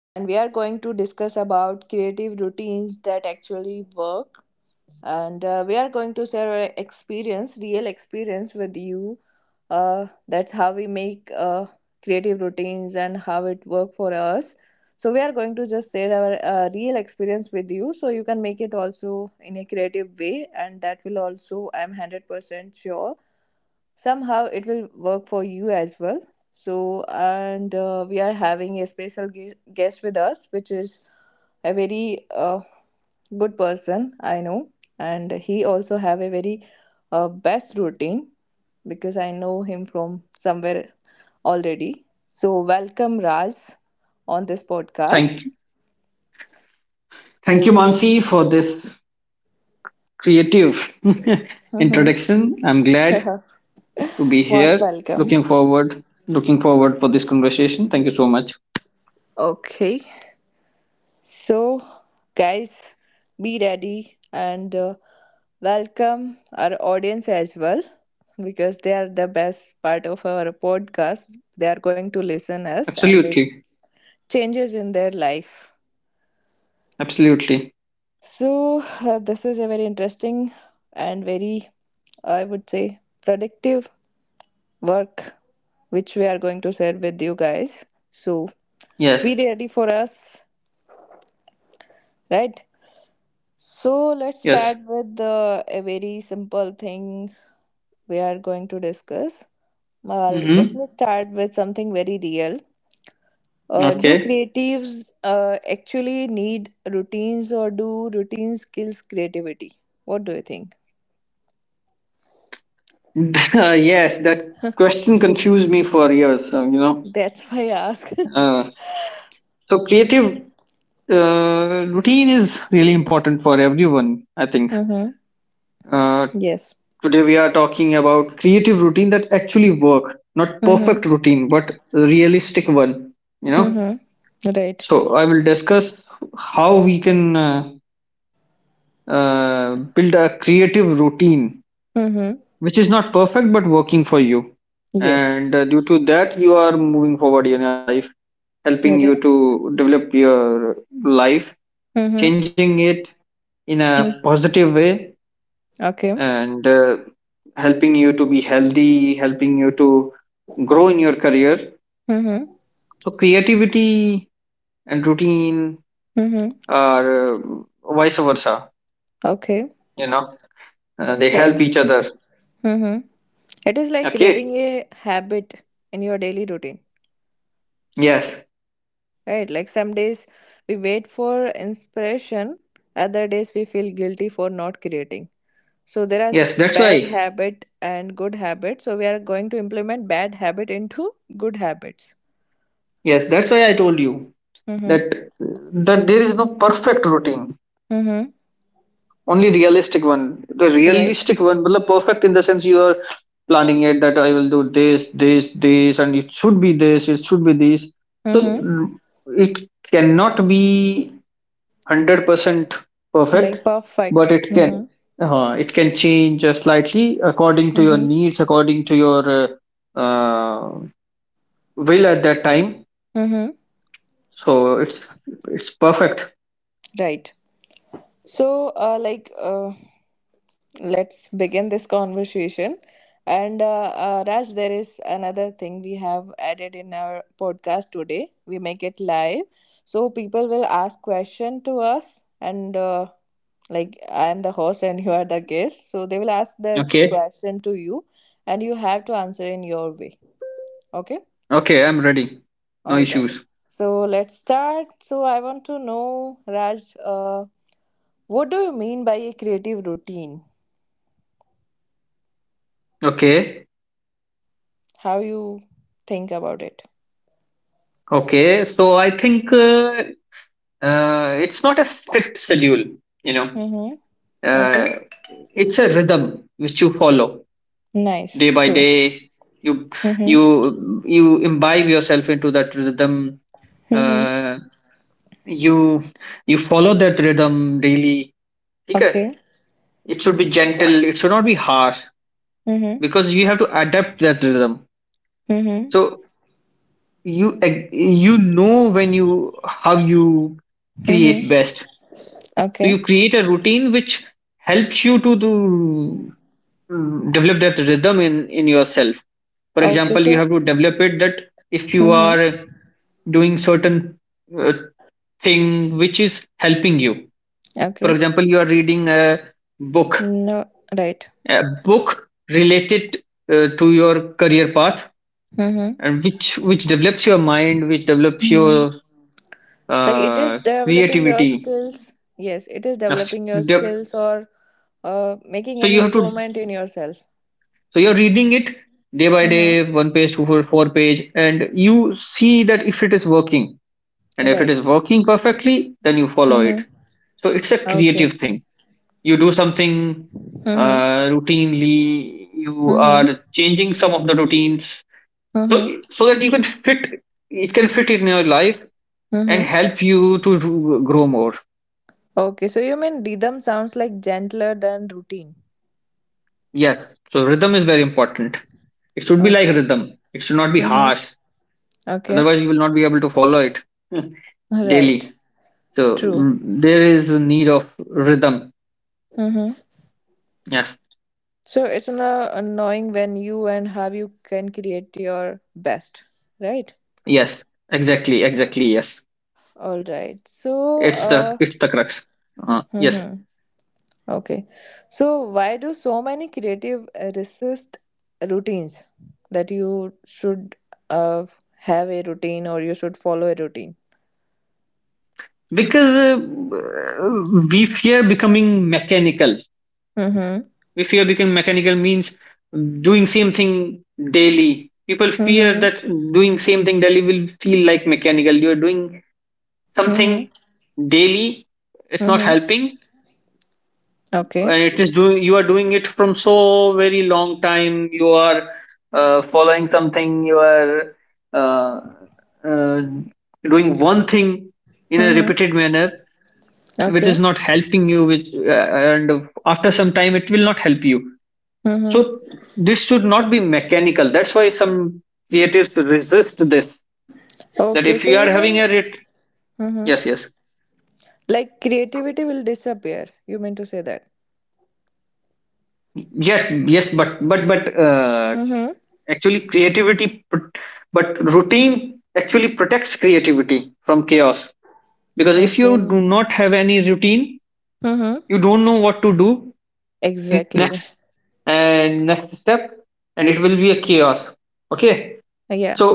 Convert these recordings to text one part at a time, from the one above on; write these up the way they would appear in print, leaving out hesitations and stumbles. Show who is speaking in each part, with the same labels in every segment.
Speaker 1: And we are going to discuss about creative routines that actually work. And we are going to share our experience, real experience with you. That's how we make creative routines and how it work for us. So we are going to just share our real experience with you, so you can make it also in a creative way, and that will also, I'm 100% sure somehow it will work for you as well. So, and we are having a special guest with us which is a very good person I know, and he also have a very best routine because I know him from somewhere already. So welcome, Raj, on this podcast.
Speaker 2: Thank you. Thank you, Mansi, for this creative
Speaker 1: Mm-hmm.
Speaker 2: introduction. I'm glad to be
Speaker 1: Most
Speaker 2: here.
Speaker 1: welcome.
Speaker 2: Looking forward for this conversation. Thank you so much.
Speaker 1: Okay. So, guys, be ready and welcome our audience as well because they are the best part of our podcast. They are going to listen us and make
Speaker 2: Absolutely.
Speaker 1: changes in their life.
Speaker 2: Absolutely.
Speaker 1: So, this is a very interesting and very, I would say, productive work which we are going to share with you guys. So,
Speaker 2: Yes.
Speaker 1: be ready for us, right? So let's
Speaker 2: Yes.
Speaker 1: start with a very simple thing we are going to discuss. Let
Speaker 2: Mm-hmm.
Speaker 1: me start with something very real. Do
Speaker 2: Okay.
Speaker 1: creatives actually need routines or do routines kills creativity? What do you think?
Speaker 2: Yes, that question confused me for years.
Speaker 1: That's why I ask.
Speaker 2: Uh, so creative routine is really important for everyone, I think.
Speaker 1: Mm-hmm.
Speaker 2: Uh,
Speaker 1: Yes.
Speaker 2: Today we are talking about creative routine that actually work, not
Speaker 1: Mm-hmm.
Speaker 2: perfect routine, but realistic one. You know,
Speaker 1: Mm-hmm. Right.
Speaker 2: so I will discuss how we can build a creative routine
Speaker 1: Mm-hmm.
Speaker 2: which is not perfect but working for you,
Speaker 1: Yes.
Speaker 2: and due to that you are moving forward in your life, helping
Speaker 1: Right.
Speaker 2: you to develop your life,
Speaker 1: Mm-hmm.
Speaker 2: changing it in a positive way,
Speaker 1: Okay.
Speaker 2: and helping you to be healthy, helping you to grow in your career.
Speaker 1: Mm-hmm.
Speaker 2: So creativity and routine
Speaker 1: Mm-hmm.
Speaker 2: are vice versa.
Speaker 1: Okay.
Speaker 2: You know, they
Speaker 1: Right.
Speaker 2: help each other.
Speaker 1: Mm-hmm. It is like
Speaker 2: Okay.
Speaker 1: creating a habit in your daily routine,
Speaker 2: Yes.
Speaker 1: right? Like some days we wait for inspiration, other days we feel guilty for not creating. So there are
Speaker 2: Yes. That's
Speaker 1: bad
Speaker 2: why.
Speaker 1: habit and good habit. So we are going to implement bad habit into good habits.
Speaker 2: Yes. That's why I told you
Speaker 1: Mm-hmm.
Speaker 2: that there is no perfect routine.
Speaker 1: Mm-hmm.
Speaker 2: Only realistic one. The
Speaker 1: Right.
Speaker 2: realistic one, well, perfect in the sense you are planning it that I will do this, this, this, and it should be this, it should be this. So
Speaker 1: Mm-hmm.
Speaker 2: mm, it cannot be 100%
Speaker 1: Like
Speaker 2: perfect, but
Speaker 1: perfect.
Speaker 2: it
Speaker 1: Mm-hmm.
Speaker 2: can uh, it can change slightly according to your
Speaker 1: Mm-hmm.
Speaker 2: needs, according to your uh, will at that time.
Speaker 1: Mm-hmm.
Speaker 2: So it's perfect.
Speaker 1: Right. So, like, let's begin this conversation. And Raj, there is another thing we have added in our podcast today. We make it live, so people will ask question to us, and like I am the host and you are the guest, so they will ask the
Speaker 2: Okay,
Speaker 1: question to you, and you have to answer in your way. Okay,
Speaker 2: okay, I'm ready. No
Speaker 1: all right.
Speaker 2: issues.
Speaker 1: So let's start. So I want to know, Raj, what do you mean by a creative routine?
Speaker 2: Okay,
Speaker 1: How you think about it?
Speaker 2: okay. So I think it's not a strict schedule you know
Speaker 1: Mm-hmm.
Speaker 2: uh,
Speaker 1: Okay.
Speaker 2: it's a rhythm which you follow
Speaker 1: Nice.
Speaker 2: day by
Speaker 1: True.
Speaker 2: day. you
Speaker 1: Mm-hmm.
Speaker 2: you you imbibe yourself into that rhythm.
Speaker 1: Mm-hmm.
Speaker 2: uh, you you follow that rhythm daily. Okay.
Speaker 1: Okay.
Speaker 2: It should be gentle. It should not be harsh
Speaker 1: Mm-hmm.
Speaker 2: because you have to adapt that rhythm.
Speaker 1: Mm-hmm.
Speaker 2: So you know when you how you create
Speaker 1: Mm-hmm.
Speaker 2: best. So
Speaker 1: Okay.
Speaker 2: you create a routine which helps you to do develop that rhythm in yourself. For
Speaker 1: Okay.
Speaker 2: example, you
Speaker 1: So.
Speaker 2: have to develop it that if you are
Speaker 1: Mm-hmm.
Speaker 2: doing certain uh, thing which is helping you. For
Speaker 1: Okay.
Speaker 2: example, you are reading book
Speaker 1: No. Right.
Speaker 2: a book related to your career path,
Speaker 1: Mm-hmm.
Speaker 2: and which develops your mind, which develops
Speaker 1: Mm-hmm.
Speaker 2: your
Speaker 1: Like it is developing your
Speaker 2: creativity.
Speaker 1: skills. Yes, it is
Speaker 2: Yes.
Speaker 1: developing your skills or making
Speaker 2: So
Speaker 1: any
Speaker 2: you have to
Speaker 1: improvement in yourself.
Speaker 2: so you're reading it day by
Speaker 1: Mm-hmm.
Speaker 2: day, one page, two four page, and you see that if it is working. And if it
Speaker 1: Right.
Speaker 2: is working perfectly, then you follow it.
Speaker 1: Mm-hmm.
Speaker 2: So it's a
Speaker 1: Okay.
Speaker 2: creative thing. You do something
Speaker 1: Mm-hmm.
Speaker 2: routinely. You
Speaker 1: Mm-hmm.
Speaker 2: are changing some of the routines, so
Speaker 1: Mm-hmm.
Speaker 2: that you can fit it can fit in your life and
Speaker 1: Mm-hmm.
Speaker 2: help you to grow more.
Speaker 1: Okay. So you mean rhythm sounds like gentler than routine.
Speaker 2: Yes, so rhythm is very important. It should be like
Speaker 1: Okay.
Speaker 2: rhythm. It should not be
Speaker 1: Mm-hmm.
Speaker 2: harsh.
Speaker 1: Okay.
Speaker 2: Otherwise you will not be able to follow it daily.
Speaker 1: Right.
Speaker 2: So
Speaker 1: True.
Speaker 2: there is a need of rhythm.
Speaker 1: Mm-hmm.
Speaker 2: Yes,
Speaker 1: So it's not annoying when you and how you can create your best. Right.
Speaker 2: yes, exactly, exactly, yes.
Speaker 1: All right. So,
Speaker 2: it's the it's the crux. uh, yes.
Speaker 1: mm-hmm. Okay. So why do so many creative resist routines that you should uh, have a routine or you should follow a routine?
Speaker 2: Because we fear becoming mechanical.
Speaker 1: Mm-hmm.
Speaker 2: We fear becoming mechanical means doing same thing daily. People fear
Speaker 1: Mm-hmm.
Speaker 2: that doing same thing daily will feel like mechanical. You are doing something
Speaker 1: Mm-hmm.
Speaker 2: daily. It's not
Speaker 1: Mm-hmm.
Speaker 2: helping.
Speaker 1: Okay.
Speaker 2: And it is doing, you are doing it from so very long time. You are following something. You are uh, uh, doing one thing in a
Speaker 1: Mm-hmm.
Speaker 2: repeated manner, which
Speaker 1: Okay.
Speaker 2: is not helping you, which and after some time it will not help you.
Speaker 1: Mm-hmm.
Speaker 2: So this should not be mechanical. That's why some creatives resist this. That
Speaker 1: Okay.
Speaker 2: if
Speaker 1: So
Speaker 2: you are
Speaker 1: you
Speaker 2: having
Speaker 1: mean?
Speaker 2: a
Speaker 1: Mm-hmm.
Speaker 2: yes. Yes,
Speaker 1: Like creativity will disappear. You mean to say that?
Speaker 2: yes, yes, but
Speaker 1: Mm-hmm.
Speaker 2: actually but routine actually protects creativity from chaos, because if you
Speaker 1: Okay.
Speaker 2: do not have any routine
Speaker 1: Mm-hmm.
Speaker 2: you don't know what to do in
Speaker 1: Exactly.
Speaker 2: next and next step, and it will be a chaos. Okay.
Speaker 1: Yeah.
Speaker 2: So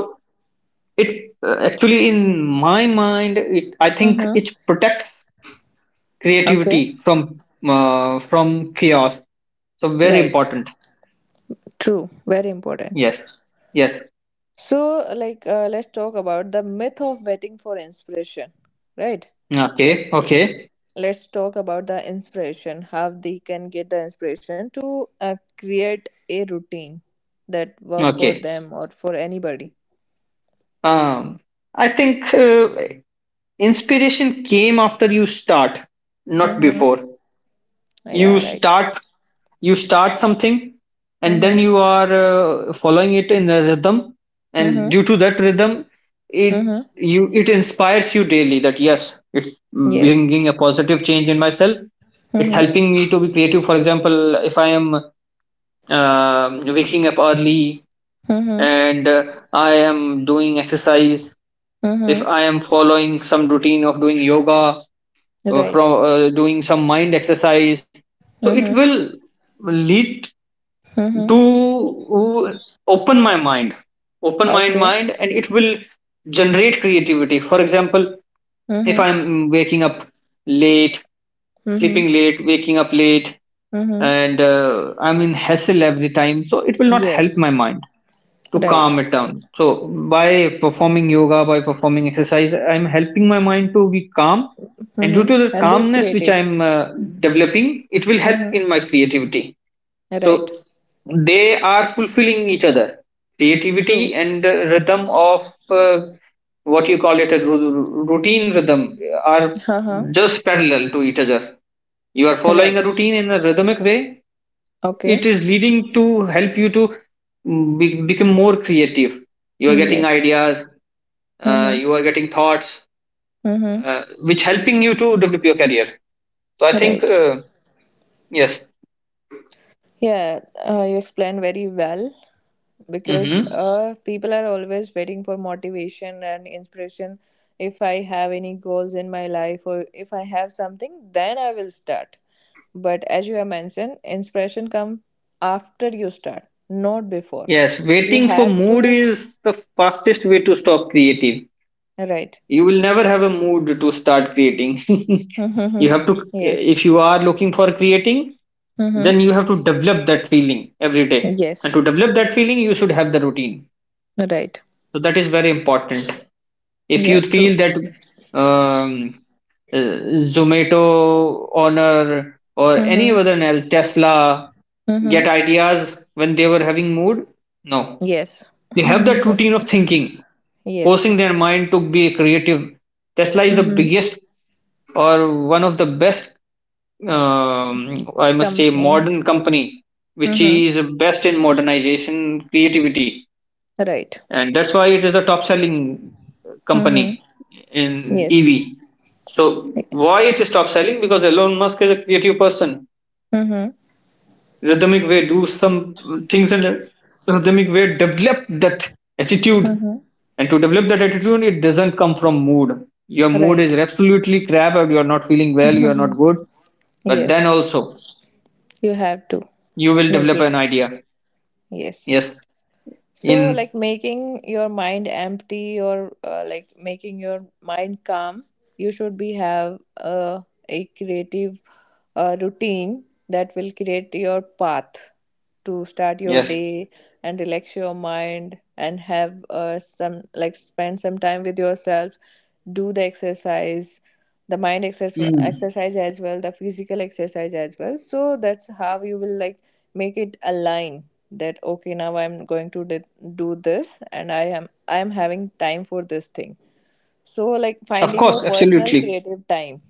Speaker 2: it actually, in my mind, it I think
Speaker 1: Mm-hmm.
Speaker 2: it protects
Speaker 1: Okay.
Speaker 2: creativity from from chaos. So very
Speaker 1: Right.
Speaker 2: important.
Speaker 1: True. Very important.
Speaker 2: Yes, yes.
Speaker 1: So, like, let's talk about the myth of waiting for inspiration. Right. Like,
Speaker 2: Okay, okay,
Speaker 1: let's talk about the inspiration. How they can get the inspiration to create a routine that work for
Speaker 2: okay.
Speaker 1: them or for anybody.
Speaker 2: Um, I think inspiration came after you start, not
Speaker 1: Mm-hmm.
Speaker 2: before. You
Speaker 1: Yeah. Right.
Speaker 2: start you start something, and
Speaker 1: Mm-hmm.
Speaker 2: then you are following it in a rhythm, and
Speaker 1: Mm-hmm.
Speaker 2: due to that rhythm it
Speaker 1: Mm-hmm.
Speaker 2: you it inspires you daily that yes, it's
Speaker 1: Yes.
Speaker 2: bringing a positive change in myself. It's
Speaker 1: Mm-hmm.
Speaker 2: helping me to be creative. For example, if I am waking up early,
Speaker 1: Mm-hmm.
Speaker 2: and I am doing exercise. If
Speaker 1: Mm-hmm.
Speaker 2: I am following some routine of doing yoga or
Speaker 1: Right.
Speaker 2: from doing some mind exercise, so it
Speaker 1: Mm-hmm.
Speaker 2: will lead to
Speaker 1: Mm-hmm.
Speaker 2: open my mind open my
Speaker 1: Okay.
Speaker 2: mind and it will generate creativity. For example, if
Speaker 1: Mm-hmm.
Speaker 2: I'm waking up late,
Speaker 1: Mm-hmm.
Speaker 2: sleeping late, waking up late,
Speaker 1: Mm-hmm.
Speaker 2: and I'm in hassle every time, so it will not help my
Speaker 1: Yes.
Speaker 2: mind to
Speaker 1: Right.
Speaker 2: calm it down. So by performing yoga, by performing exercise, I'm helping my mind to be calm, and due to the
Speaker 1: Mm-hmm. And be
Speaker 2: calmness which
Speaker 1: creative.
Speaker 2: I'm developing, it will help in
Speaker 1: Mm-hmm.
Speaker 2: my creativity. So
Speaker 1: Right.
Speaker 2: they are fulfilling each other.
Speaker 1: True.
Speaker 2: Creativity and rhythm of what you call it, a routine, rhythm, are
Speaker 1: Uh-huh.
Speaker 2: just parallel to each other. You are following a
Speaker 1: Right.
Speaker 2: routine in a rhythmic way.
Speaker 1: Okay.
Speaker 2: It is leading to help you to become more creative. You are getting
Speaker 1: Yes.
Speaker 2: ideas.
Speaker 1: Mm-hmm.
Speaker 2: You are getting thoughts,
Speaker 1: Mm-hmm.
Speaker 2: which helping you to develop your career. So I think
Speaker 1: Right.
Speaker 2: yes.
Speaker 1: Yeah. You explained very well. Because people are always waiting for motivation and inspiration. If I have any goals in my life or if I have something then I will start, but as you have mentioned inspiration come after you start, not before.
Speaker 2: Yes,
Speaker 1: You
Speaker 2: waiting for
Speaker 1: have to,
Speaker 2: mood is the fastest way to stop creative.
Speaker 1: right?
Speaker 2: You will never have a mood to start creating. You
Speaker 1: Mhm.
Speaker 2: have to,
Speaker 1: Yes.
Speaker 2: if you are looking for creating, then
Speaker 1: Hmm.
Speaker 2: you have to develop that feeling every day. And to
Speaker 1: Yes.
Speaker 2: develop that feeling, you should have the routine.
Speaker 1: Right.
Speaker 2: So that is very important. If you
Speaker 1: Yeah. True.
Speaker 2: feel that um, uh, Zomato, Honor, or any
Speaker 1: Hmm.
Speaker 2: other else, Tesla, get
Speaker 1: Hmm.
Speaker 2: ideas when they were having mood? No.
Speaker 1: Yes.
Speaker 2: They have that routine of thinking,
Speaker 1: Yes.
Speaker 2: forcing their mind to be creative. Tesla is the
Speaker 1: Hmm.
Speaker 2: biggest or one of the best, I must say,
Speaker 1: Company.
Speaker 2: modern company, which
Speaker 1: Hmm.
Speaker 2: is best in modernization, creativity,
Speaker 1: Right.
Speaker 2: and that's why it is the top selling
Speaker 1: Hmm.
Speaker 2: company in
Speaker 1: Yes.
Speaker 2: EV. So why it is top selling? Because Elon Musk is a creative person.
Speaker 1: Mm-hmm.
Speaker 2: Rhythmic way, do some things in a rhythmic way, develop that attitude.
Speaker 1: Mm-hmm.
Speaker 2: And to develop that attitude, it doesn't come from mood. Your mood is
Speaker 1: Right.
Speaker 2: absolutely crap, or you are not feeling well, you are not good. But then
Speaker 1: Yes.
Speaker 2: also,
Speaker 1: You have to
Speaker 2: you will
Speaker 1: make
Speaker 2: develop
Speaker 1: it.
Speaker 2: an idea.
Speaker 1: Yes.
Speaker 2: Yes,
Speaker 1: So,
Speaker 2: in
Speaker 1: like making your mind empty or like making your mind calm, you should be have a creative routine that will create your path to start your
Speaker 2: yes.
Speaker 1: day, and relax your mind, and have some, like, spend some time with yourself, do the exercise, the mind exercise
Speaker 2: Mm.
Speaker 1: exercise as well, the physical exercise as well. So that's how you will, like, make it align that okay now I'm going to do this and I am having time for this thing. So, like,
Speaker 2: Of
Speaker 1: finding your
Speaker 2: course,
Speaker 1: personal
Speaker 2: absolutely.
Speaker 1: creative time,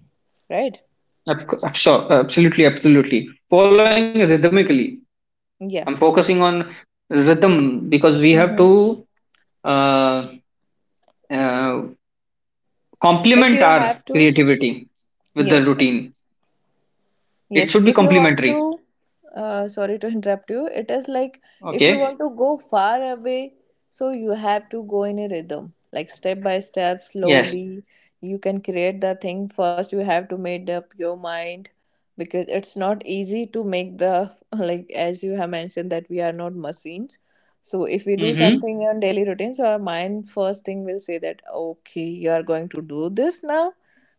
Speaker 1: right?
Speaker 2: Sure, absolutely, absolutely. Following rhythmically, I'm
Speaker 1: Yeah.
Speaker 2: focusing on rhythm because we have
Speaker 1: Mm-hmm.
Speaker 2: to uh, uh,
Speaker 1: Like
Speaker 2: complement
Speaker 1: you
Speaker 2: our
Speaker 1: have to.
Speaker 2: creativity with the
Speaker 1: Yes.
Speaker 2: routine. It
Speaker 1: Yes,
Speaker 2: should be
Speaker 1: if you want
Speaker 2: complementary.
Speaker 1: to, sorry to interrupt you, it is like if you
Speaker 2: Okay.
Speaker 1: want to go far away, so you have to go in a rhythm, like step by step,
Speaker 2: Yes.
Speaker 1: slowly. You can create the thing. First, you have to make up your mind because it's not easy to make the, like, as you have mentioned, that we are not machines. So, if we do
Speaker 2: Mm-hmm.
Speaker 1: something on daily routine, so our mind first thing will say that, okay, you are going to do this now,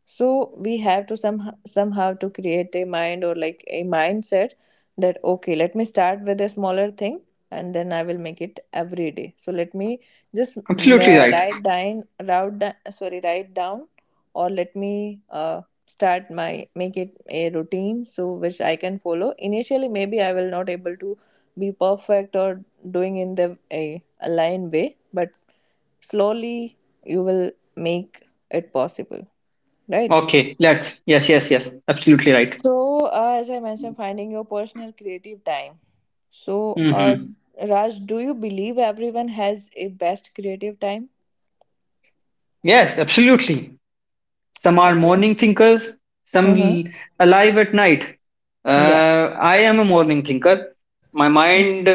Speaker 1: so we have to somehow to create a mind or like a mindset that okay let me start with a smaller thing and then I will make it every day. So let me just
Speaker 2: Absolutely right.
Speaker 1: write down sorry write down, or let me start my make it a routine so which I can follow. Initially maybe I will not able to be perfect or doing in the a aligned way, but slowly you will make it possible, right?
Speaker 2: Okay, let's. Yes, yes, yes. Absolutely right.
Speaker 1: So, as I mentioned, finding your personal creative time. So,
Speaker 2: Mm-hmm.
Speaker 1: Raj, do you believe everyone has a best creative time?
Speaker 2: Yes, absolutely. Some are
Speaker 1: Okay.
Speaker 2: morning thinkers, some
Speaker 1: Mm-hmm.
Speaker 2: alive at night.
Speaker 1: Yeah.
Speaker 2: I am a morning thinker. My mind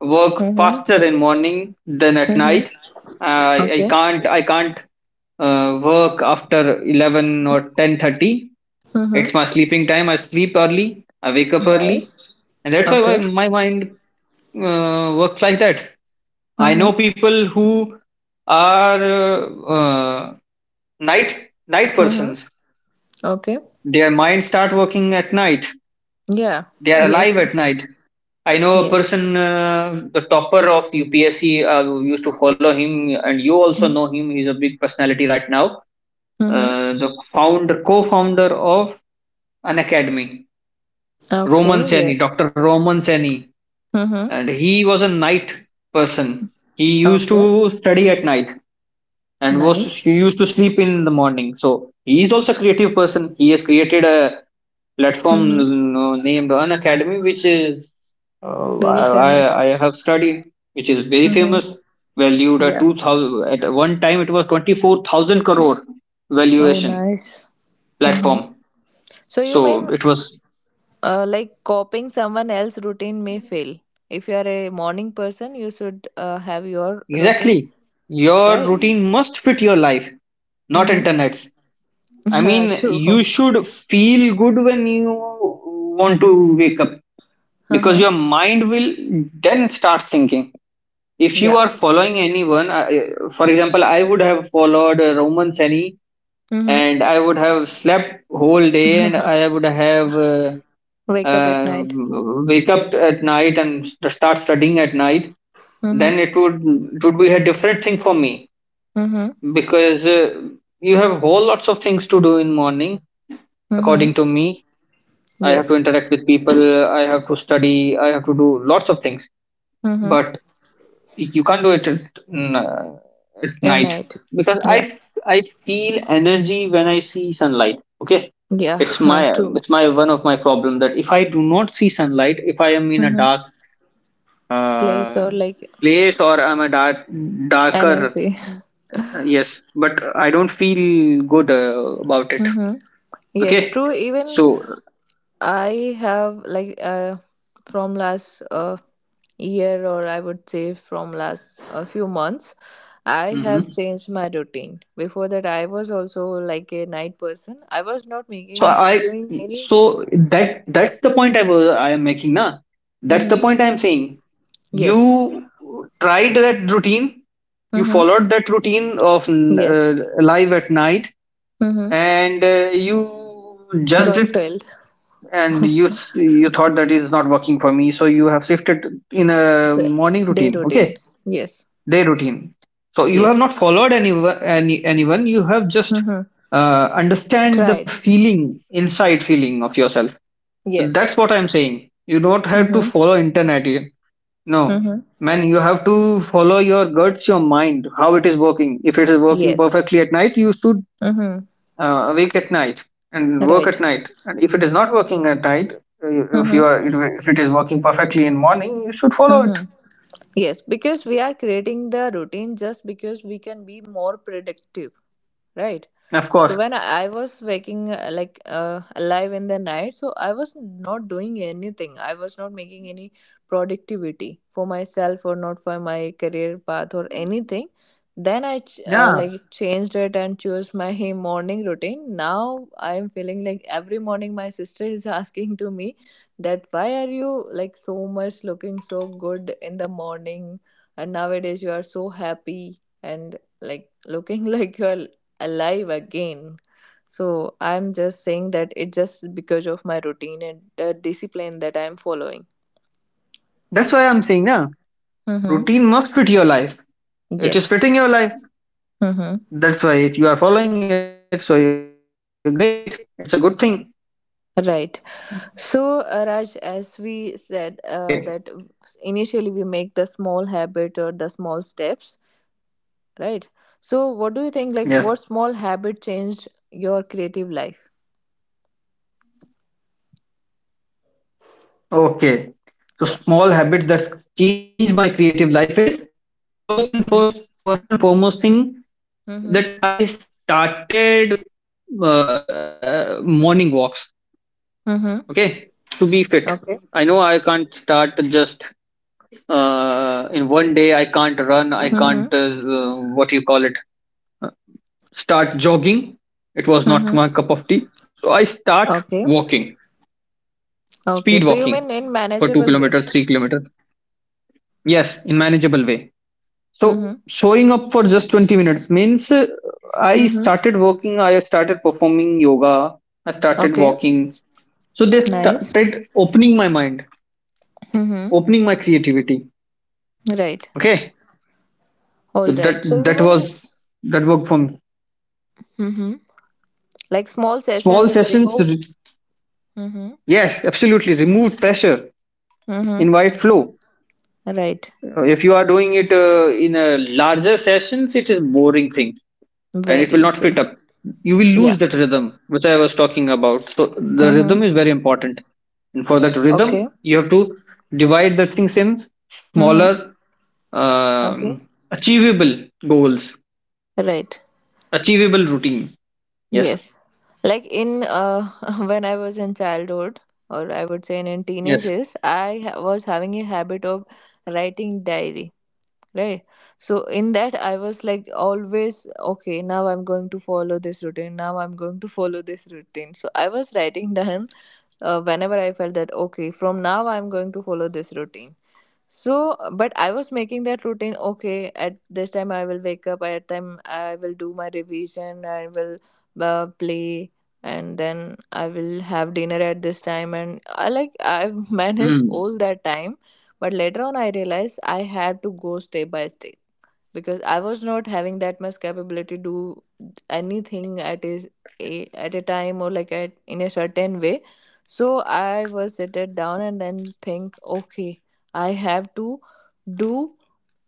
Speaker 2: work
Speaker 1: Mm-hmm.
Speaker 2: faster in morning than at night.
Speaker 1: Mm-hmm.
Speaker 2: I I
Speaker 1: Okay.
Speaker 2: can't I can't work after 11 or 10:30.
Speaker 1: Mm-hmm.
Speaker 2: It's my sleeping time. I sleep early. I wake up early,
Speaker 1: Nice.
Speaker 2: and that's why
Speaker 1: Okay.
Speaker 2: my mind works like that. I know
Speaker 1: Mm-hmm.
Speaker 2: people who are night
Speaker 1: Mm-hmm.
Speaker 2: persons.
Speaker 1: Okay.
Speaker 2: Their minds start working at night.
Speaker 1: Yeah.
Speaker 2: They are alive
Speaker 1: Yes.
Speaker 2: at night. I know a
Speaker 1: Yes.
Speaker 2: person, the topper of UPSC. Who used to follow him, and you also know him. He's a big personality right now.
Speaker 1: Mm-hmm.
Speaker 2: The founder, co-founder of an academy,
Speaker 1: Okay.
Speaker 2: Roman Seni,
Speaker 1: Yes.
Speaker 2: Dr. Roman Seni,
Speaker 1: Mm-hmm.
Speaker 2: and he was a night person. He used
Speaker 1: Okay.
Speaker 2: to study at night, and was
Speaker 1: Nice.
Speaker 2: he used to sleep in the morning. So he is also a creative person. He has created a
Speaker 1: Mm-hmm.
Speaker 2: platform named An Academy, which is
Speaker 1: Very famous.
Speaker 2: I have studied, which is very
Speaker 1: Mm-hmm.
Speaker 2: famous, valued at
Speaker 1: Yeah.
Speaker 2: 2,000. At one time, it was 24,000 crore
Speaker 1: Oh,
Speaker 2: valuation
Speaker 1: nice. Mm-hmm.
Speaker 2: platform.
Speaker 1: So you
Speaker 2: So
Speaker 1: mean,
Speaker 2: it was
Speaker 1: Like copying someone else's routine may fail. If you are a morning person, you should have your
Speaker 2: exactly,
Speaker 1: routine,
Speaker 2: your
Speaker 1: right?
Speaker 2: routine must fit your life, not internet's. I mean,
Speaker 1: Mm-hmm. True.
Speaker 2: you should feel good when you want to wake up, because
Speaker 1: Mm-hmm.
Speaker 2: your mind will then start thinking. If you
Speaker 1: Yeah.
Speaker 2: are following anyone, for example, I would have followed Roman Seni,
Speaker 1: Mm-hmm.
Speaker 2: and I would have slept whole day, and I would have
Speaker 1: Wake up at
Speaker 2: uh,
Speaker 1: night.
Speaker 2: wake up at night, and start studying at night.
Speaker 1: Mm-hmm.
Speaker 2: Then it would be a different thing for me,
Speaker 1: Mm-hmm.
Speaker 2: because you have whole lots of things to do in morning,
Speaker 1: Mm-hmm.
Speaker 2: according to me. I have to
Speaker 1: Yes.
Speaker 2: interact with people. I have to study. I have to do lots of things.
Speaker 1: Mm-hmm.
Speaker 2: But you can't do it at
Speaker 1: At
Speaker 2: night,
Speaker 1: night.
Speaker 2: because
Speaker 1: Yeah.
Speaker 2: I feel energy when I see sunlight. Okay, it's
Speaker 1: Yeah.
Speaker 2: my
Speaker 1: True.
Speaker 2: it's my one of my problem that if I do not see sunlight, if I am in a
Speaker 1: Mm-hmm.
Speaker 2: dark
Speaker 1: Place
Speaker 2: uh,
Speaker 1: or like
Speaker 2: place, or I'm a darker
Speaker 1: energy.
Speaker 2: yes, but I don't feel good about it.
Speaker 1: Mm-hmm.
Speaker 2: Okay.
Speaker 1: Yes. True. Even
Speaker 2: So
Speaker 1: I have like from last year or I would say from last a few months, I have
Speaker 2: Mhm.
Speaker 1: changed my routine. Before that, I was also like a night person. I was not
Speaker 2: so
Speaker 1: making
Speaker 2: i
Speaker 1: doing any.
Speaker 2: so that's the point I am making now. That's the
Speaker 1: Mm-hmm.
Speaker 2: point I am saying. You
Speaker 1: Yes.
Speaker 2: tried that routine. You
Speaker 1: Mm-hmm.
Speaker 2: followed that routine of
Speaker 1: Yes.
Speaker 2: live at night,
Speaker 1: Mm-hmm.
Speaker 2: and you judged
Speaker 1: Got
Speaker 2: it.
Speaker 1: failed.
Speaker 2: And you thought that is not working for me, so you have shifted in a
Speaker 1: The
Speaker 2: morning
Speaker 1: day
Speaker 2: routine. Okay,
Speaker 1: routine. Yes.
Speaker 2: day routine. So you have
Speaker 1: Yes.
Speaker 2: not followed anyone. You have just
Speaker 1: Mm-hmm.
Speaker 2: understand the
Speaker 1: Tried.
Speaker 2: feeling, inside feeling of yourself.
Speaker 1: Yes.
Speaker 2: That's what I'm saying. You don't have to
Speaker 1: Mm-hmm.
Speaker 2: follow internet. No,
Speaker 1: Mm-hmm.
Speaker 2: man, you have to follow your guts, your mind, how it is working. If it is working
Speaker 1: Yes.
Speaker 2: perfectly at night, you should
Speaker 1: Mm-hmm.
Speaker 2: awake at night and work at
Speaker 1: Right.
Speaker 2: night. And if it is not working at night, if you
Speaker 1: Mm-hmm.
Speaker 2: are, if it is working perfectly in morning, you should follow it.
Speaker 1: Mm-hmm. Yes, because we are creating the routine just because we can be more productive, right?
Speaker 2: Of
Speaker 1: So
Speaker 2: course.
Speaker 1: when I was waking like alive in the night, so I was not doing anything, I was not making any productivity for myself or not for my career path or anything. Then I like
Speaker 2: Yeah,
Speaker 1: changed it and chose my morning routine. Now I am feeling like every morning my sister is asking to me that why are you like so much looking so good in the morning and nowadays you are so happy and like looking like you are alive again. So I'm just saying that it just because of my routine and the discipline that I'm following.
Speaker 2: that's why I'm saying, yeah,
Speaker 1: Mm-hmm.
Speaker 2: routine must fit your life. It is
Speaker 1: Yes.
Speaker 2: fitting your life.
Speaker 1: Mm-hmm.
Speaker 2: That's why you are following it. So you're great. It's a good thing.
Speaker 1: Right. So,
Speaker 2: Okay.
Speaker 1: Raj, as we said, that initially we make the small habit or the small steps, right?
Speaker 2: Yes.
Speaker 1: So, what do you think? Like, what small habit changed your creative life?
Speaker 2: Okay. So small habit that
Speaker 1: Yeah.
Speaker 2: changed my creative life is first and foremost thing
Speaker 1: Mm-hmm.
Speaker 2: that I started morning walks. Okay, to be fit.
Speaker 1: Mm-hmm.
Speaker 2: I know I can't start
Speaker 1: Okay.
Speaker 2: just in one day. I can't run. I can't
Speaker 1: Mm-hmm.
Speaker 2: what you call it. Start jogging. It was not my cup of
Speaker 1: Mm-hmm.
Speaker 2: tea. So I start
Speaker 1: Okay.
Speaker 2: walking, speed
Speaker 1: Okay. So,
Speaker 2: walking
Speaker 1: you mean in
Speaker 2: for two
Speaker 1: manageable
Speaker 2: kilometer,
Speaker 1: way?
Speaker 2: 3 kilometer. Yes, in manageable way. So
Speaker 1: Mm-hmm.
Speaker 2: showing up for just 20 minutes means I
Speaker 1: Mm-hmm.
Speaker 2: started working, I started performing yoga, I started
Speaker 1: Okay,
Speaker 2: walking. So they
Speaker 1: nice.
Speaker 2: started opening my mind,
Speaker 1: Mm-hmm.
Speaker 2: opening my creativity.
Speaker 1: Right.
Speaker 2: Okay.
Speaker 1: All
Speaker 2: So that
Speaker 1: right. So you
Speaker 2: that
Speaker 1: mean,
Speaker 2: was that worked for me.
Speaker 1: mm-hmm, like small
Speaker 2: Small
Speaker 1: sessions
Speaker 2: sessions,
Speaker 1: remove. Mm-hmm.
Speaker 2: yes, absolutely. Remove pressure,
Speaker 1: Mm-hmm.
Speaker 2: invite flow.
Speaker 1: Right.
Speaker 2: If you are doing it in a larger sessions, it is boring thing and it will
Speaker 1: Very
Speaker 2: not
Speaker 1: true.
Speaker 2: fit up. You will
Speaker 1: Yeah.
Speaker 2: lose that rhythm, which I was talking about. So the
Speaker 1: Mm-hmm.
Speaker 2: rhythm is very important. And for that
Speaker 1: Okay.
Speaker 2: rhythm, you have to divide the things in
Speaker 1: Mm-hmm.
Speaker 2: smaller,
Speaker 1: Okay.
Speaker 2: achievable goals,
Speaker 1: Right.
Speaker 2: achievable routine. Yes,
Speaker 1: Yes. Like in when I was in childhood, or I would say in,
Speaker 2: yes.
Speaker 1: teenagers, I was having a habit of writing diary, right? So in that I was like always okay now I'm going to follow this routine, now I'm going to follow this routine, so I was writing down whenever I felt that okay from now I'm going to follow this routine. So, but I was making that routine. Okay, at this time I will wake up. At time I will do my revision. I will play, and then I will have dinner at this time. And I like I managed
Speaker 2: Mm.
Speaker 1: all that time. But later on, I realized I had to go step by step because I was not having that much capability to do anything at is a at a time or like at in a certain way. So I was seated down and then think, okay, I have to do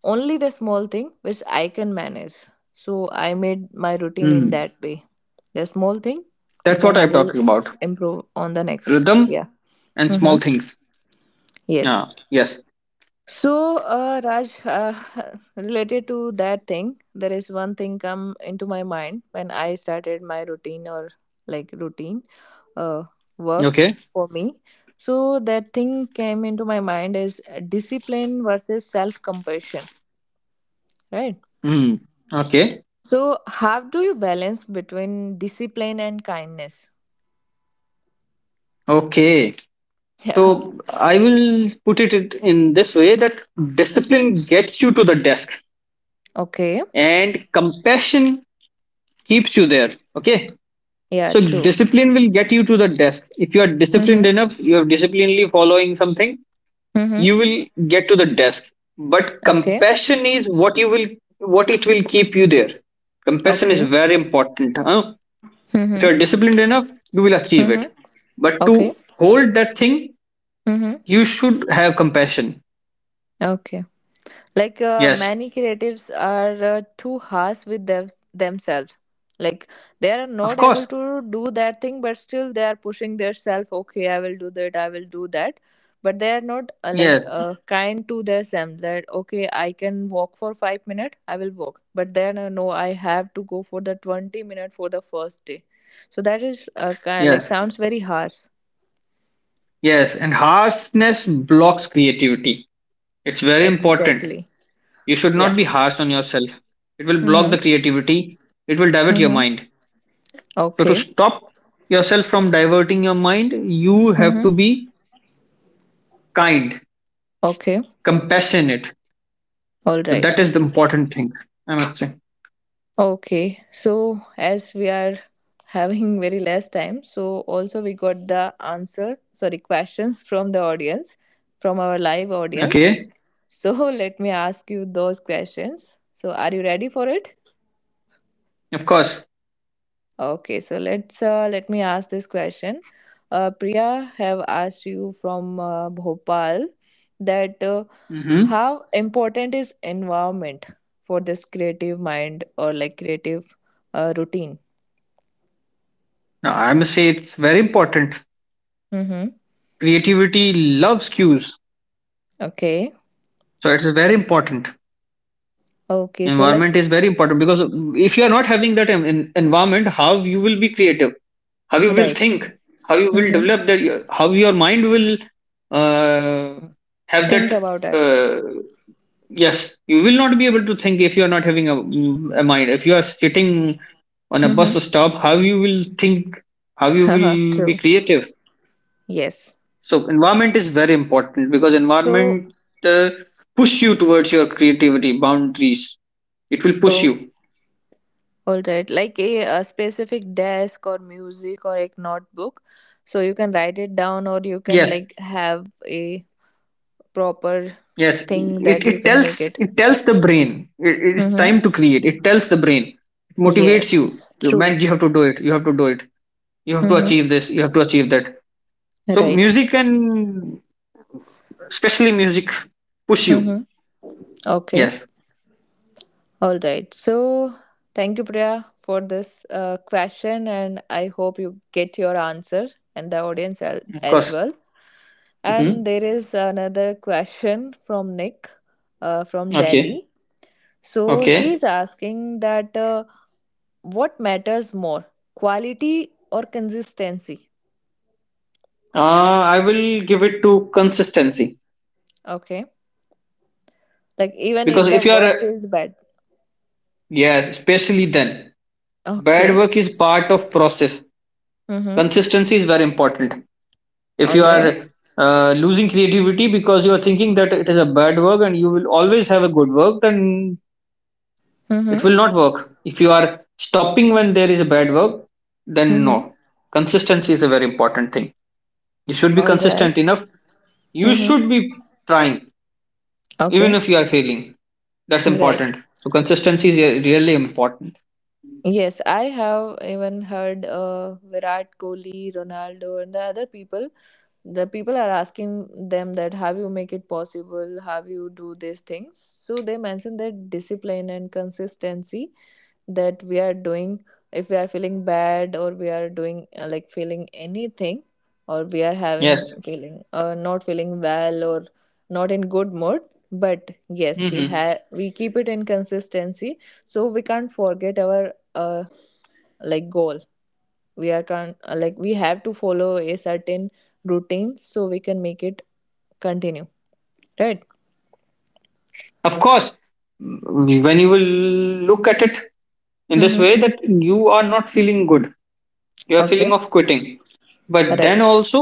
Speaker 1: only the small thing which I can manage. So I made my
Speaker 2: Mm.
Speaker 1: routine in that way. The small thing,
Speaker 2: That's what I'm
Speaker 1: then I
Speaker 2: talking
Speaker 1: will
Speaker 2: about.
Speaker 1: improve on the next.
Speaker 2: Rhythm
Speaker 1: Yeah.
Speaker 2: and small
Speaker 1: Mm-hmm.
Speaker 2: things.
Speaker 1: Yes.
Speaker 2: Yeah. Yes.
Speaker 1: So, Raj, related to that thing, there is one thing come into my mind when I started my routine or like routine uh, work
Speaker 2: Okay.
Speaker 1: for me. So that thing came into my mind is discipline versus self-compassion, right?
Speaker 2: Mm. Okay.
Speaker 1: So how do you balance between discipline and kindness?
Speaker 2: Okay.
Speaker 1: Yeah.
Speaker 2: So I will put it in this way that discipline gets you to the desk
Speaker 1: Okay.
Speaker 2: and compassion keeps you there. Okay.
Speaker 1: Yeah.
Speaker 2: So
Speaker 1: True.
Speaker 2: discipline will get you to the desk. If you are disciplined
Speaker 1: Mm-hmm.
Speaker 2: enough, you are disciplinedly following something,
Speaker 1: Mm-hmm.
Speaker 2: you will get to the desk. But
Speaker 1: Okay.
Speaker 2: compassion is what it will keep you there. Compassion is
Speaker 1: Okay.
Speaker 2: very important, huh? If you
Speaker 1: Mm-hmm.
Speaker 2: are disciplined enough, you will achieve
Speaker 1: Mm-hmm.
Speaker 2: it. But
Speaker 1: Okay.
Speaker 2: to hold that thing,
Speaker 1: Mm-hmm.
Speaker 2: you should have compassion.
Speaker 1: Okay. Like
Speaker 2: Yes.
Speaker 1: many creatives are too harsh with themselves, like they are
Speaker 2: Of
Speaker 1: not able
Speaker 2: course.
Speaker 1: to do that thing, but still they are pushing themselves, okay I will do that, I will do that. But they are not like
Speaker 2: Yes.
Speaker 1: kind to themselves that okay I can walk for 5 minutes I will walk, but then no, I have to go for the 20 minute for the first day. So that is kind like
Speaker 2: Yes.
Speaker 1: sounds very harsh.
Speaker 2: Yes. And harshness blocks creativity. It's very important.
Speaker 1: Exactly.
Speaker 2: You should not
Speaker 1: Yeah.
Speaker 2: be harsh on yourself. It will block the
Speaker 1: Mhm.
Speaker 2: creativity, it will divert your
Speaker 1: Mhm.
Speaker 2: mind. So, to
Speaker 1: Okay.
Speaker 2: stop yourself from diverting your mind, you have
Speaker 1: Mhm.
Speaker 2: to be kind,
Speaker 1: Okay.
Speaker 2: compassionate. So,
Speaker 1: All
Speaker 2: that is
Speaker 1: right.
Speaker 2: the important thing, I must say.
Speaker 1: Okay, so as we are having very less time, so also we got the answer, sorry, questions from the audience, from our live audience.
Speaker 2: Okay,
Speaker 1: So let me ask you those questions. So are you ready for it?
Speaker 2: of course.
Speaker 1: Okay, so let's let me ask this question. Priya have asked you from Bhopal that
Speaker 2: Hmm.
Speaker 1: how important is environment for this creative mind or like creative routine?
Speaker 2: Now, I must say it's very important.
Speaker 1: Mm-hmm.
Speaker 2: Creativity loves cues,
Speaker 1: Okay.
Speaker 2: so it is very important.
Speaker 1: Okay. So like
Speaker 2: Environment is very important because if you are not having that environment, how you will be creative? How you will
Speaker 1: right.
Speaker 2: think? How you will
Speaker 1: Mm-hmm.
Speaker 2: develop the how your mind will uh, have
Speaker 1: Think
Speaker 2: that
Speaker 1: about that.
Speaker 2: uh, yes, you will not be able to think if you are not having a mind, if you are sitting on a
Speaker 1: Mm-hmm.
Speaker 2: bus stop, how you will think, how you
Speaker 1: Haha.
Speaker 2: will be
Speaker 1: True.
Speaker 2: creative?
Speaker 1: Yes.
Speaker 2: So environment is very important because
Speaker 1: So
Speaker 2: environment uh, push you towards your creativity boundaries. It will push
Speaker 1: oh,
Speaker 2: you.
Speaker 1: all right. Like a specific desk or music or a notebook. So you can write it down or you can
Speaker 2: Yes.
Speaker 1: like have a proper
Speaker 2: Yes,
Speaker 1: thing
Speaker 2: it,
Speaker 1: that you
Speaker 2: it
Speaker 1: can make
Speaker 2: tells
Speaker 1: it.
Speaker 2: it tells the brain it's
Speaker 1: Mm-hmm.
Speaker 2: time to create. It tells the brain, it motivates you.
Speaker 1: Yes.
Speaker 2: You man,
Speaker 1: True.
Speaker 2: you have to do it. You have to do it. You have to
Speaker 1: Mm-hmm.
Speaker 2: achieve this. You have to achieve that. So
Speaker 1: Right.
Speaker 2: music, and especially music, push you.
Speaker 1: Mm-hmm. Okay.
Speaker 2: Yes,
Speaker 1: All right. So thank you, Priya, for this question, and I hope you get your answer and the audience
Speaker 2: of
Speaker 1: as
Speaker 2: course.
Speaker 1: well. And
Speaker 2: Hmm.
Speaker 1: there is another question from Nick from
Speaker 2: Okay,
Speaker 1: Delhi. So
Speaker 2: okay.
Speaker 1: he's asking that what matters more, quality or consistency?
Speaker 2: I will give it to consistency
Speaker 1: Okay. Like even
Speaker 2: because
Speaker 1: if the
Speaker 2: if you are
Speaker 1: work feels bad.
Speaker 2: yes, especially then bad
Speaker 1: Okay.
Speaker 2: work is part of process.
Speaker 1: Mm-hmm.
Speaker 2: Consistency is very important. If
Speaker 1: All
Speaker 2: you are
Speaker 1: right.
Speaker 2: losing creativity because you are thinking that it is a bad work and you will always have a good work, then it
Speaker 1: Mm-hmm.
Speaker 2: will not work. If you are stopping when there is a bad work, then
Speaker 1: Mm-hmm.
Speaker 2: no, consistency is a very important thing. You should be
Speaker 1: All right.
Speaker 2: consistent enough. You
Speaker 1: Mm-hmm.
Speaker 2: should be trying even
Speaker 1: Okay.
Speaker 2: if you are failing. That's
Speaker 1: Right.
Speaker 2: important. So consistency is really important.
Speaker 1: Yes, I have even heard Virat Kohli, Ronaldo, and the other people, the people are asking them that how you make it possible, how you do these things, so they mention that discipline and consistency that we are doing. If we are feeling bad or we are doing like feeling anything, or we are having
Speaker 2: Yes.
Speaker 1: feeling not feeling well or not in good mood, but yes we
Speaker 2: Hmm.
Speaker 1: have, we keep it in consistency, so we can't forget our like goal. We are can uh, like we have to follow a certain routine so we can make it continue, right.
Speaker 2: Of course. When you will look at it in this
Speaker 1: Mm-hmm.
Speaker 2: way, that you are not feeling good, you're
Speaker 1: Okay.
Speaker 2: feeling of quitting, but then
Speaker 1: Right.
Speaker 2: also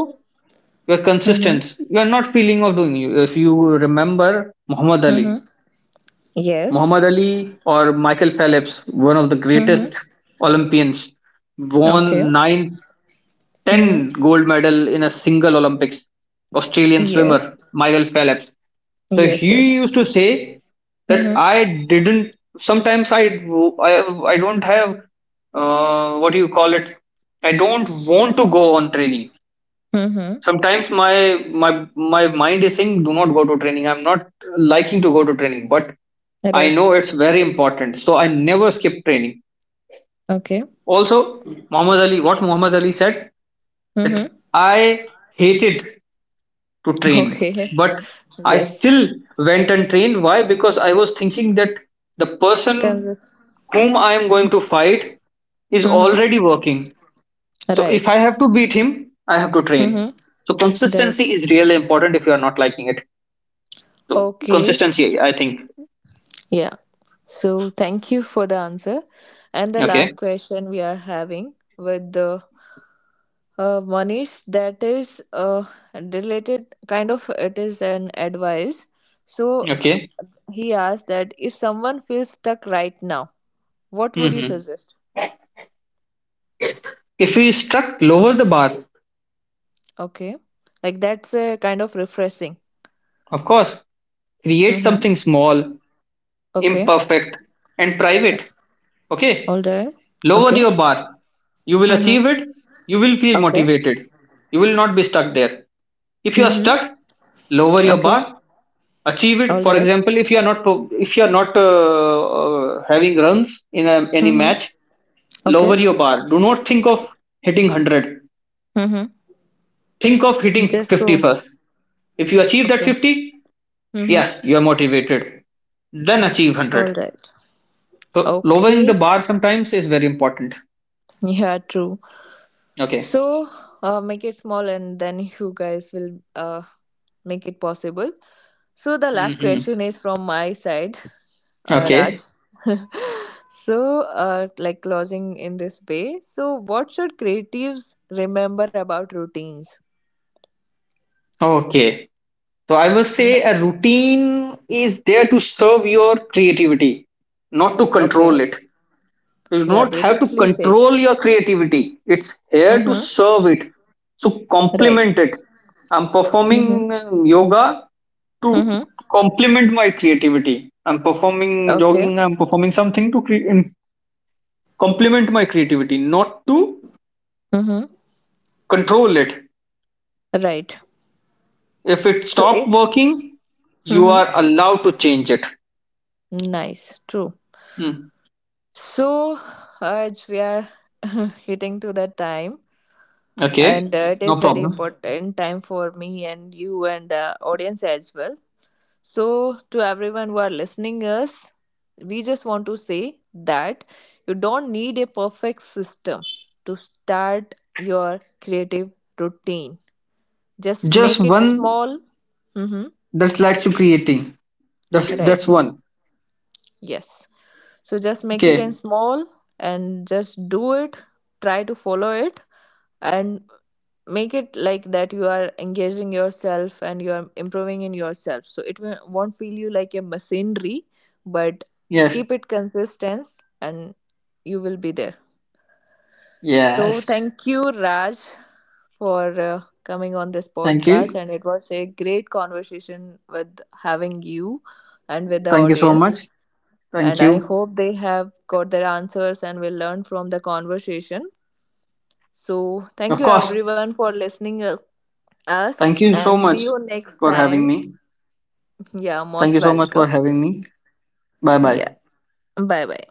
Speaker 2: your
Speaker 1: Mm-hmm.
Speaker 2: consistency, you're not feeling of doing. You, if you remember Muhammad Ali.
Speaker 1: Mm-hmm. Yes.
Speaker 2: Muhammad Ali or Michael Phelps, one of the
Speaker 1: Mm-hmm.
Speaker 2: greatest Olympians, won
Speaker 1: Okay.
Speaker 2: 9,
Speaker 1: Mm-hmm.
Speaker 2: 10 gold medal in a single Olympics. Australian swimmer
Speaker 1: Yes.
Speaker 2: Michael Phelps. So
Speaker 1: Yes.
Speaker 2: he
Speaker 1: Yes.
Speaker 2: used to say that I
Speaker 1: Mm-hmm.
Speaker 2: didn't, sometimes i, I don't have what do you call it, I don't want to go on training.
Speaker 1: Mm-hmm.
Speaker 2: Sometimes my mind is saying do not go to training. I'm not liking to go to training, but I
Speaker 1: Right.
Speaker 2: know it's very important, so I never skip training.
Speaker 1: Okay.
Speaker 2: Also Muhammad Ali, what Muhammad Ali said, that
Speaker 1: Mm-hmm.
Speaker 2: I hated to train,
Speaker 1: Okay.
Speaker 2: but I
Speaker 1: Yes.
Speaker 2: still went and trained. Why? Because I was thinking that the person
Speaker 1: Kansas.
Speaker 2: whom I am going to fight is
Speaker 1: This
Speaker 2: already
Speaker 1: mm-hmm.
Speaker 2: working, so if
Speaker 1: Right.
Speaker 2: I have to beat him, I have to train.
Speaker 1: Mm-hmm.
Speaker 2: So consistency
Speaker 1: Right.
Speaker 2: is really important if you are not liking it. So
Speaker 1: Okay.
Speaker 2: consistency, I think.
Speaker 1: Yeah. So thank you for the answer. And the last
Speaker 2: Okay.
Speaker 1: question we are having with the Manish, that is related, kind of, it is an advice. So
Speaker 2: Okay.
Speaker 1: he asked that if someone feels stuck right now, what would you
Speaker 2: Hmm.
Speaker 1: suggest?
Speaker 2: If we struck, lower the bar,
Speaker 1: Okay. Like that's a kind of refreshing.
Speaker 2: of course, create
Speaker 1: Mm-hmm.
Speaker 2: something small,
Speaker 1: Okay.
Speaker 2: imperfect, and private. Okay.
Speaker 1: All right.
Speaker 2: Lower
Speaker 1: Okay.
Speaker 2: your bar. You will
Speaker 1: Mm-hmm.
Speaker 2: achieve it. You will feel
Speaker 1: Okay.
Speaker 2: motivated. You will not be stuck there. If you are
Speaker 1: Mm-hmm.
Speaker 2: stuck, lower your
Speaker 1: Okay.
Speaker 2: bar, achieve it.
Speaker 1: All
Speaker 2: For
Speaker 1: right.
Speaker 2: example, if you are not if you are not having runs in any
Speaker 1: Mm-hmm.
Speaker 2: match,
Speaker 1: Okay.
Speaker 2: lower your bar. Do not think of hitting 100.
Speaker 1: Mm-hmm.
Speaker 2: Think of hitting
Speaker 1: Just
Speaker 2: 50
Speaker 1: go.
Speaker 2: first. If you achieve that
Speaker 1: Okay.
Speaker 2: 50,
Speaker 1: Mm-hmm.
Speaker 2: yes, you're motivated. Then achieve
Speaker 1: All
Speaker 2: 100.
Speaker 1: right.
Speaker 2: So lowering the
Speaker 1: Okay.
Speaker 2: bar sometimes is very important.
Speaker 1: Yeah, true.
Speaker 2: Okay.
Speaker 1: So make it small and then you guys will make it possible. So the last
Speaker 2: Hmm.
Speaker 1: question is from my side, Raj.
Speaker 2: Okay.
Speaker 1: So, like closing in this way. So, what should creatives remember about routines?
Speaker 2: Okay. So I will
Speaker 1: Yeah.
Speaker 2: say a routine is there to serve your creativity, not to
Speaker 1: Okay.
Speaker 2: control it. You do
Speaker 1: Yeah,
Speaker 2: not have to
Speaker 1: beautifully said.
Speaker 2: control your creativity. It's here to
Speaker 1: Mm-hmm.
Speaker 2: serve it. So
Speaker 1: Right.
Speaker 2: complement it. I'm performing
Speaker 1: Mm-hmm.
Speaker 2: yoga to
Speaker 1: Mm-hmm.
Speaker 2: complement my creativity. I'm performing
Speaker 1: Okay.
Speaker 2: jogging, I'm performing something to complement my creativity, not to
Speaker 1: Mm-hmm.
Speaker 2: control it.
Speaker 1: Right.
Speaker 2: If it
Speaker 1: So,
Speaker 2: stopped
Speaker 1: if.
Speaker 2: working, you
Speaker 1: Mm-hmm.
Speaker 2: are allowed to change it.
Speaker 1: Nice. True.
Speaker 2: Hmm.
Speaker 1: So, Arj, we are hitting to that time,
Speaker 2: Okay,
Speaker 1: and it is
Speaker 2: no
Speaker 1: very
Speaker 2: problem.
Speaker 1: important time for me and you and the audience as well. So, to everyone who are listening us, we just want to say that you don't need a perfect system to start your creative routine. Just
Speaker 2: Just
Speaker 1: make it
Speaker 2: one
Speaker 1: small. Mm-hmm.
Speaker 2: that lets you creating. That's
Speaker 1: Right.
Speaker 2: that's one.
Speaker 1: Yes. So just make it in
Speaker 2: Okay.
Speaker 1: small and just do it. Try to follow it and make it like that you are engaging yourself and you are improving in yourself, so it won't feel you like a machinery, but
Speaker 2: Yes.
Speaker 1: keep it consistent and you will be there. So
Speaker 2: Yes.
Speaker 1: thank you, Raj, for coming on this
Speaker 2: Thank
Speaker 1: podcast,
Speaker 2: you.
Speaker 1: and it was a great conversation with having you and with the
Speaker 2: Thank you so
Speaker 1: audience.
Speaker 2: much. Thank
Speaker 1: And I
Speaker 2: you.
Speaker 1: hope they have got their answers and will learn from the conversation. So, thank
Speaker 2: Of
Speaker 1: you
Speaker 2: course.
Speaker 1: everyone for listening us,
Speaker 2: Thank you so
Speaker 1: and see
Speaker 2: much
Speaker 1: you next
Speaker 2: for having
Speaker 1: time.
Speaker 2: me.
Speaker 1: Yeah,
Speaker 2: Thank
Speaker 1: most
Speaker 2: you so much for
Speaker 1: welcome.
Speaker 2: having me. Bye bye.
Speaker 1: Yeah. Bye bye.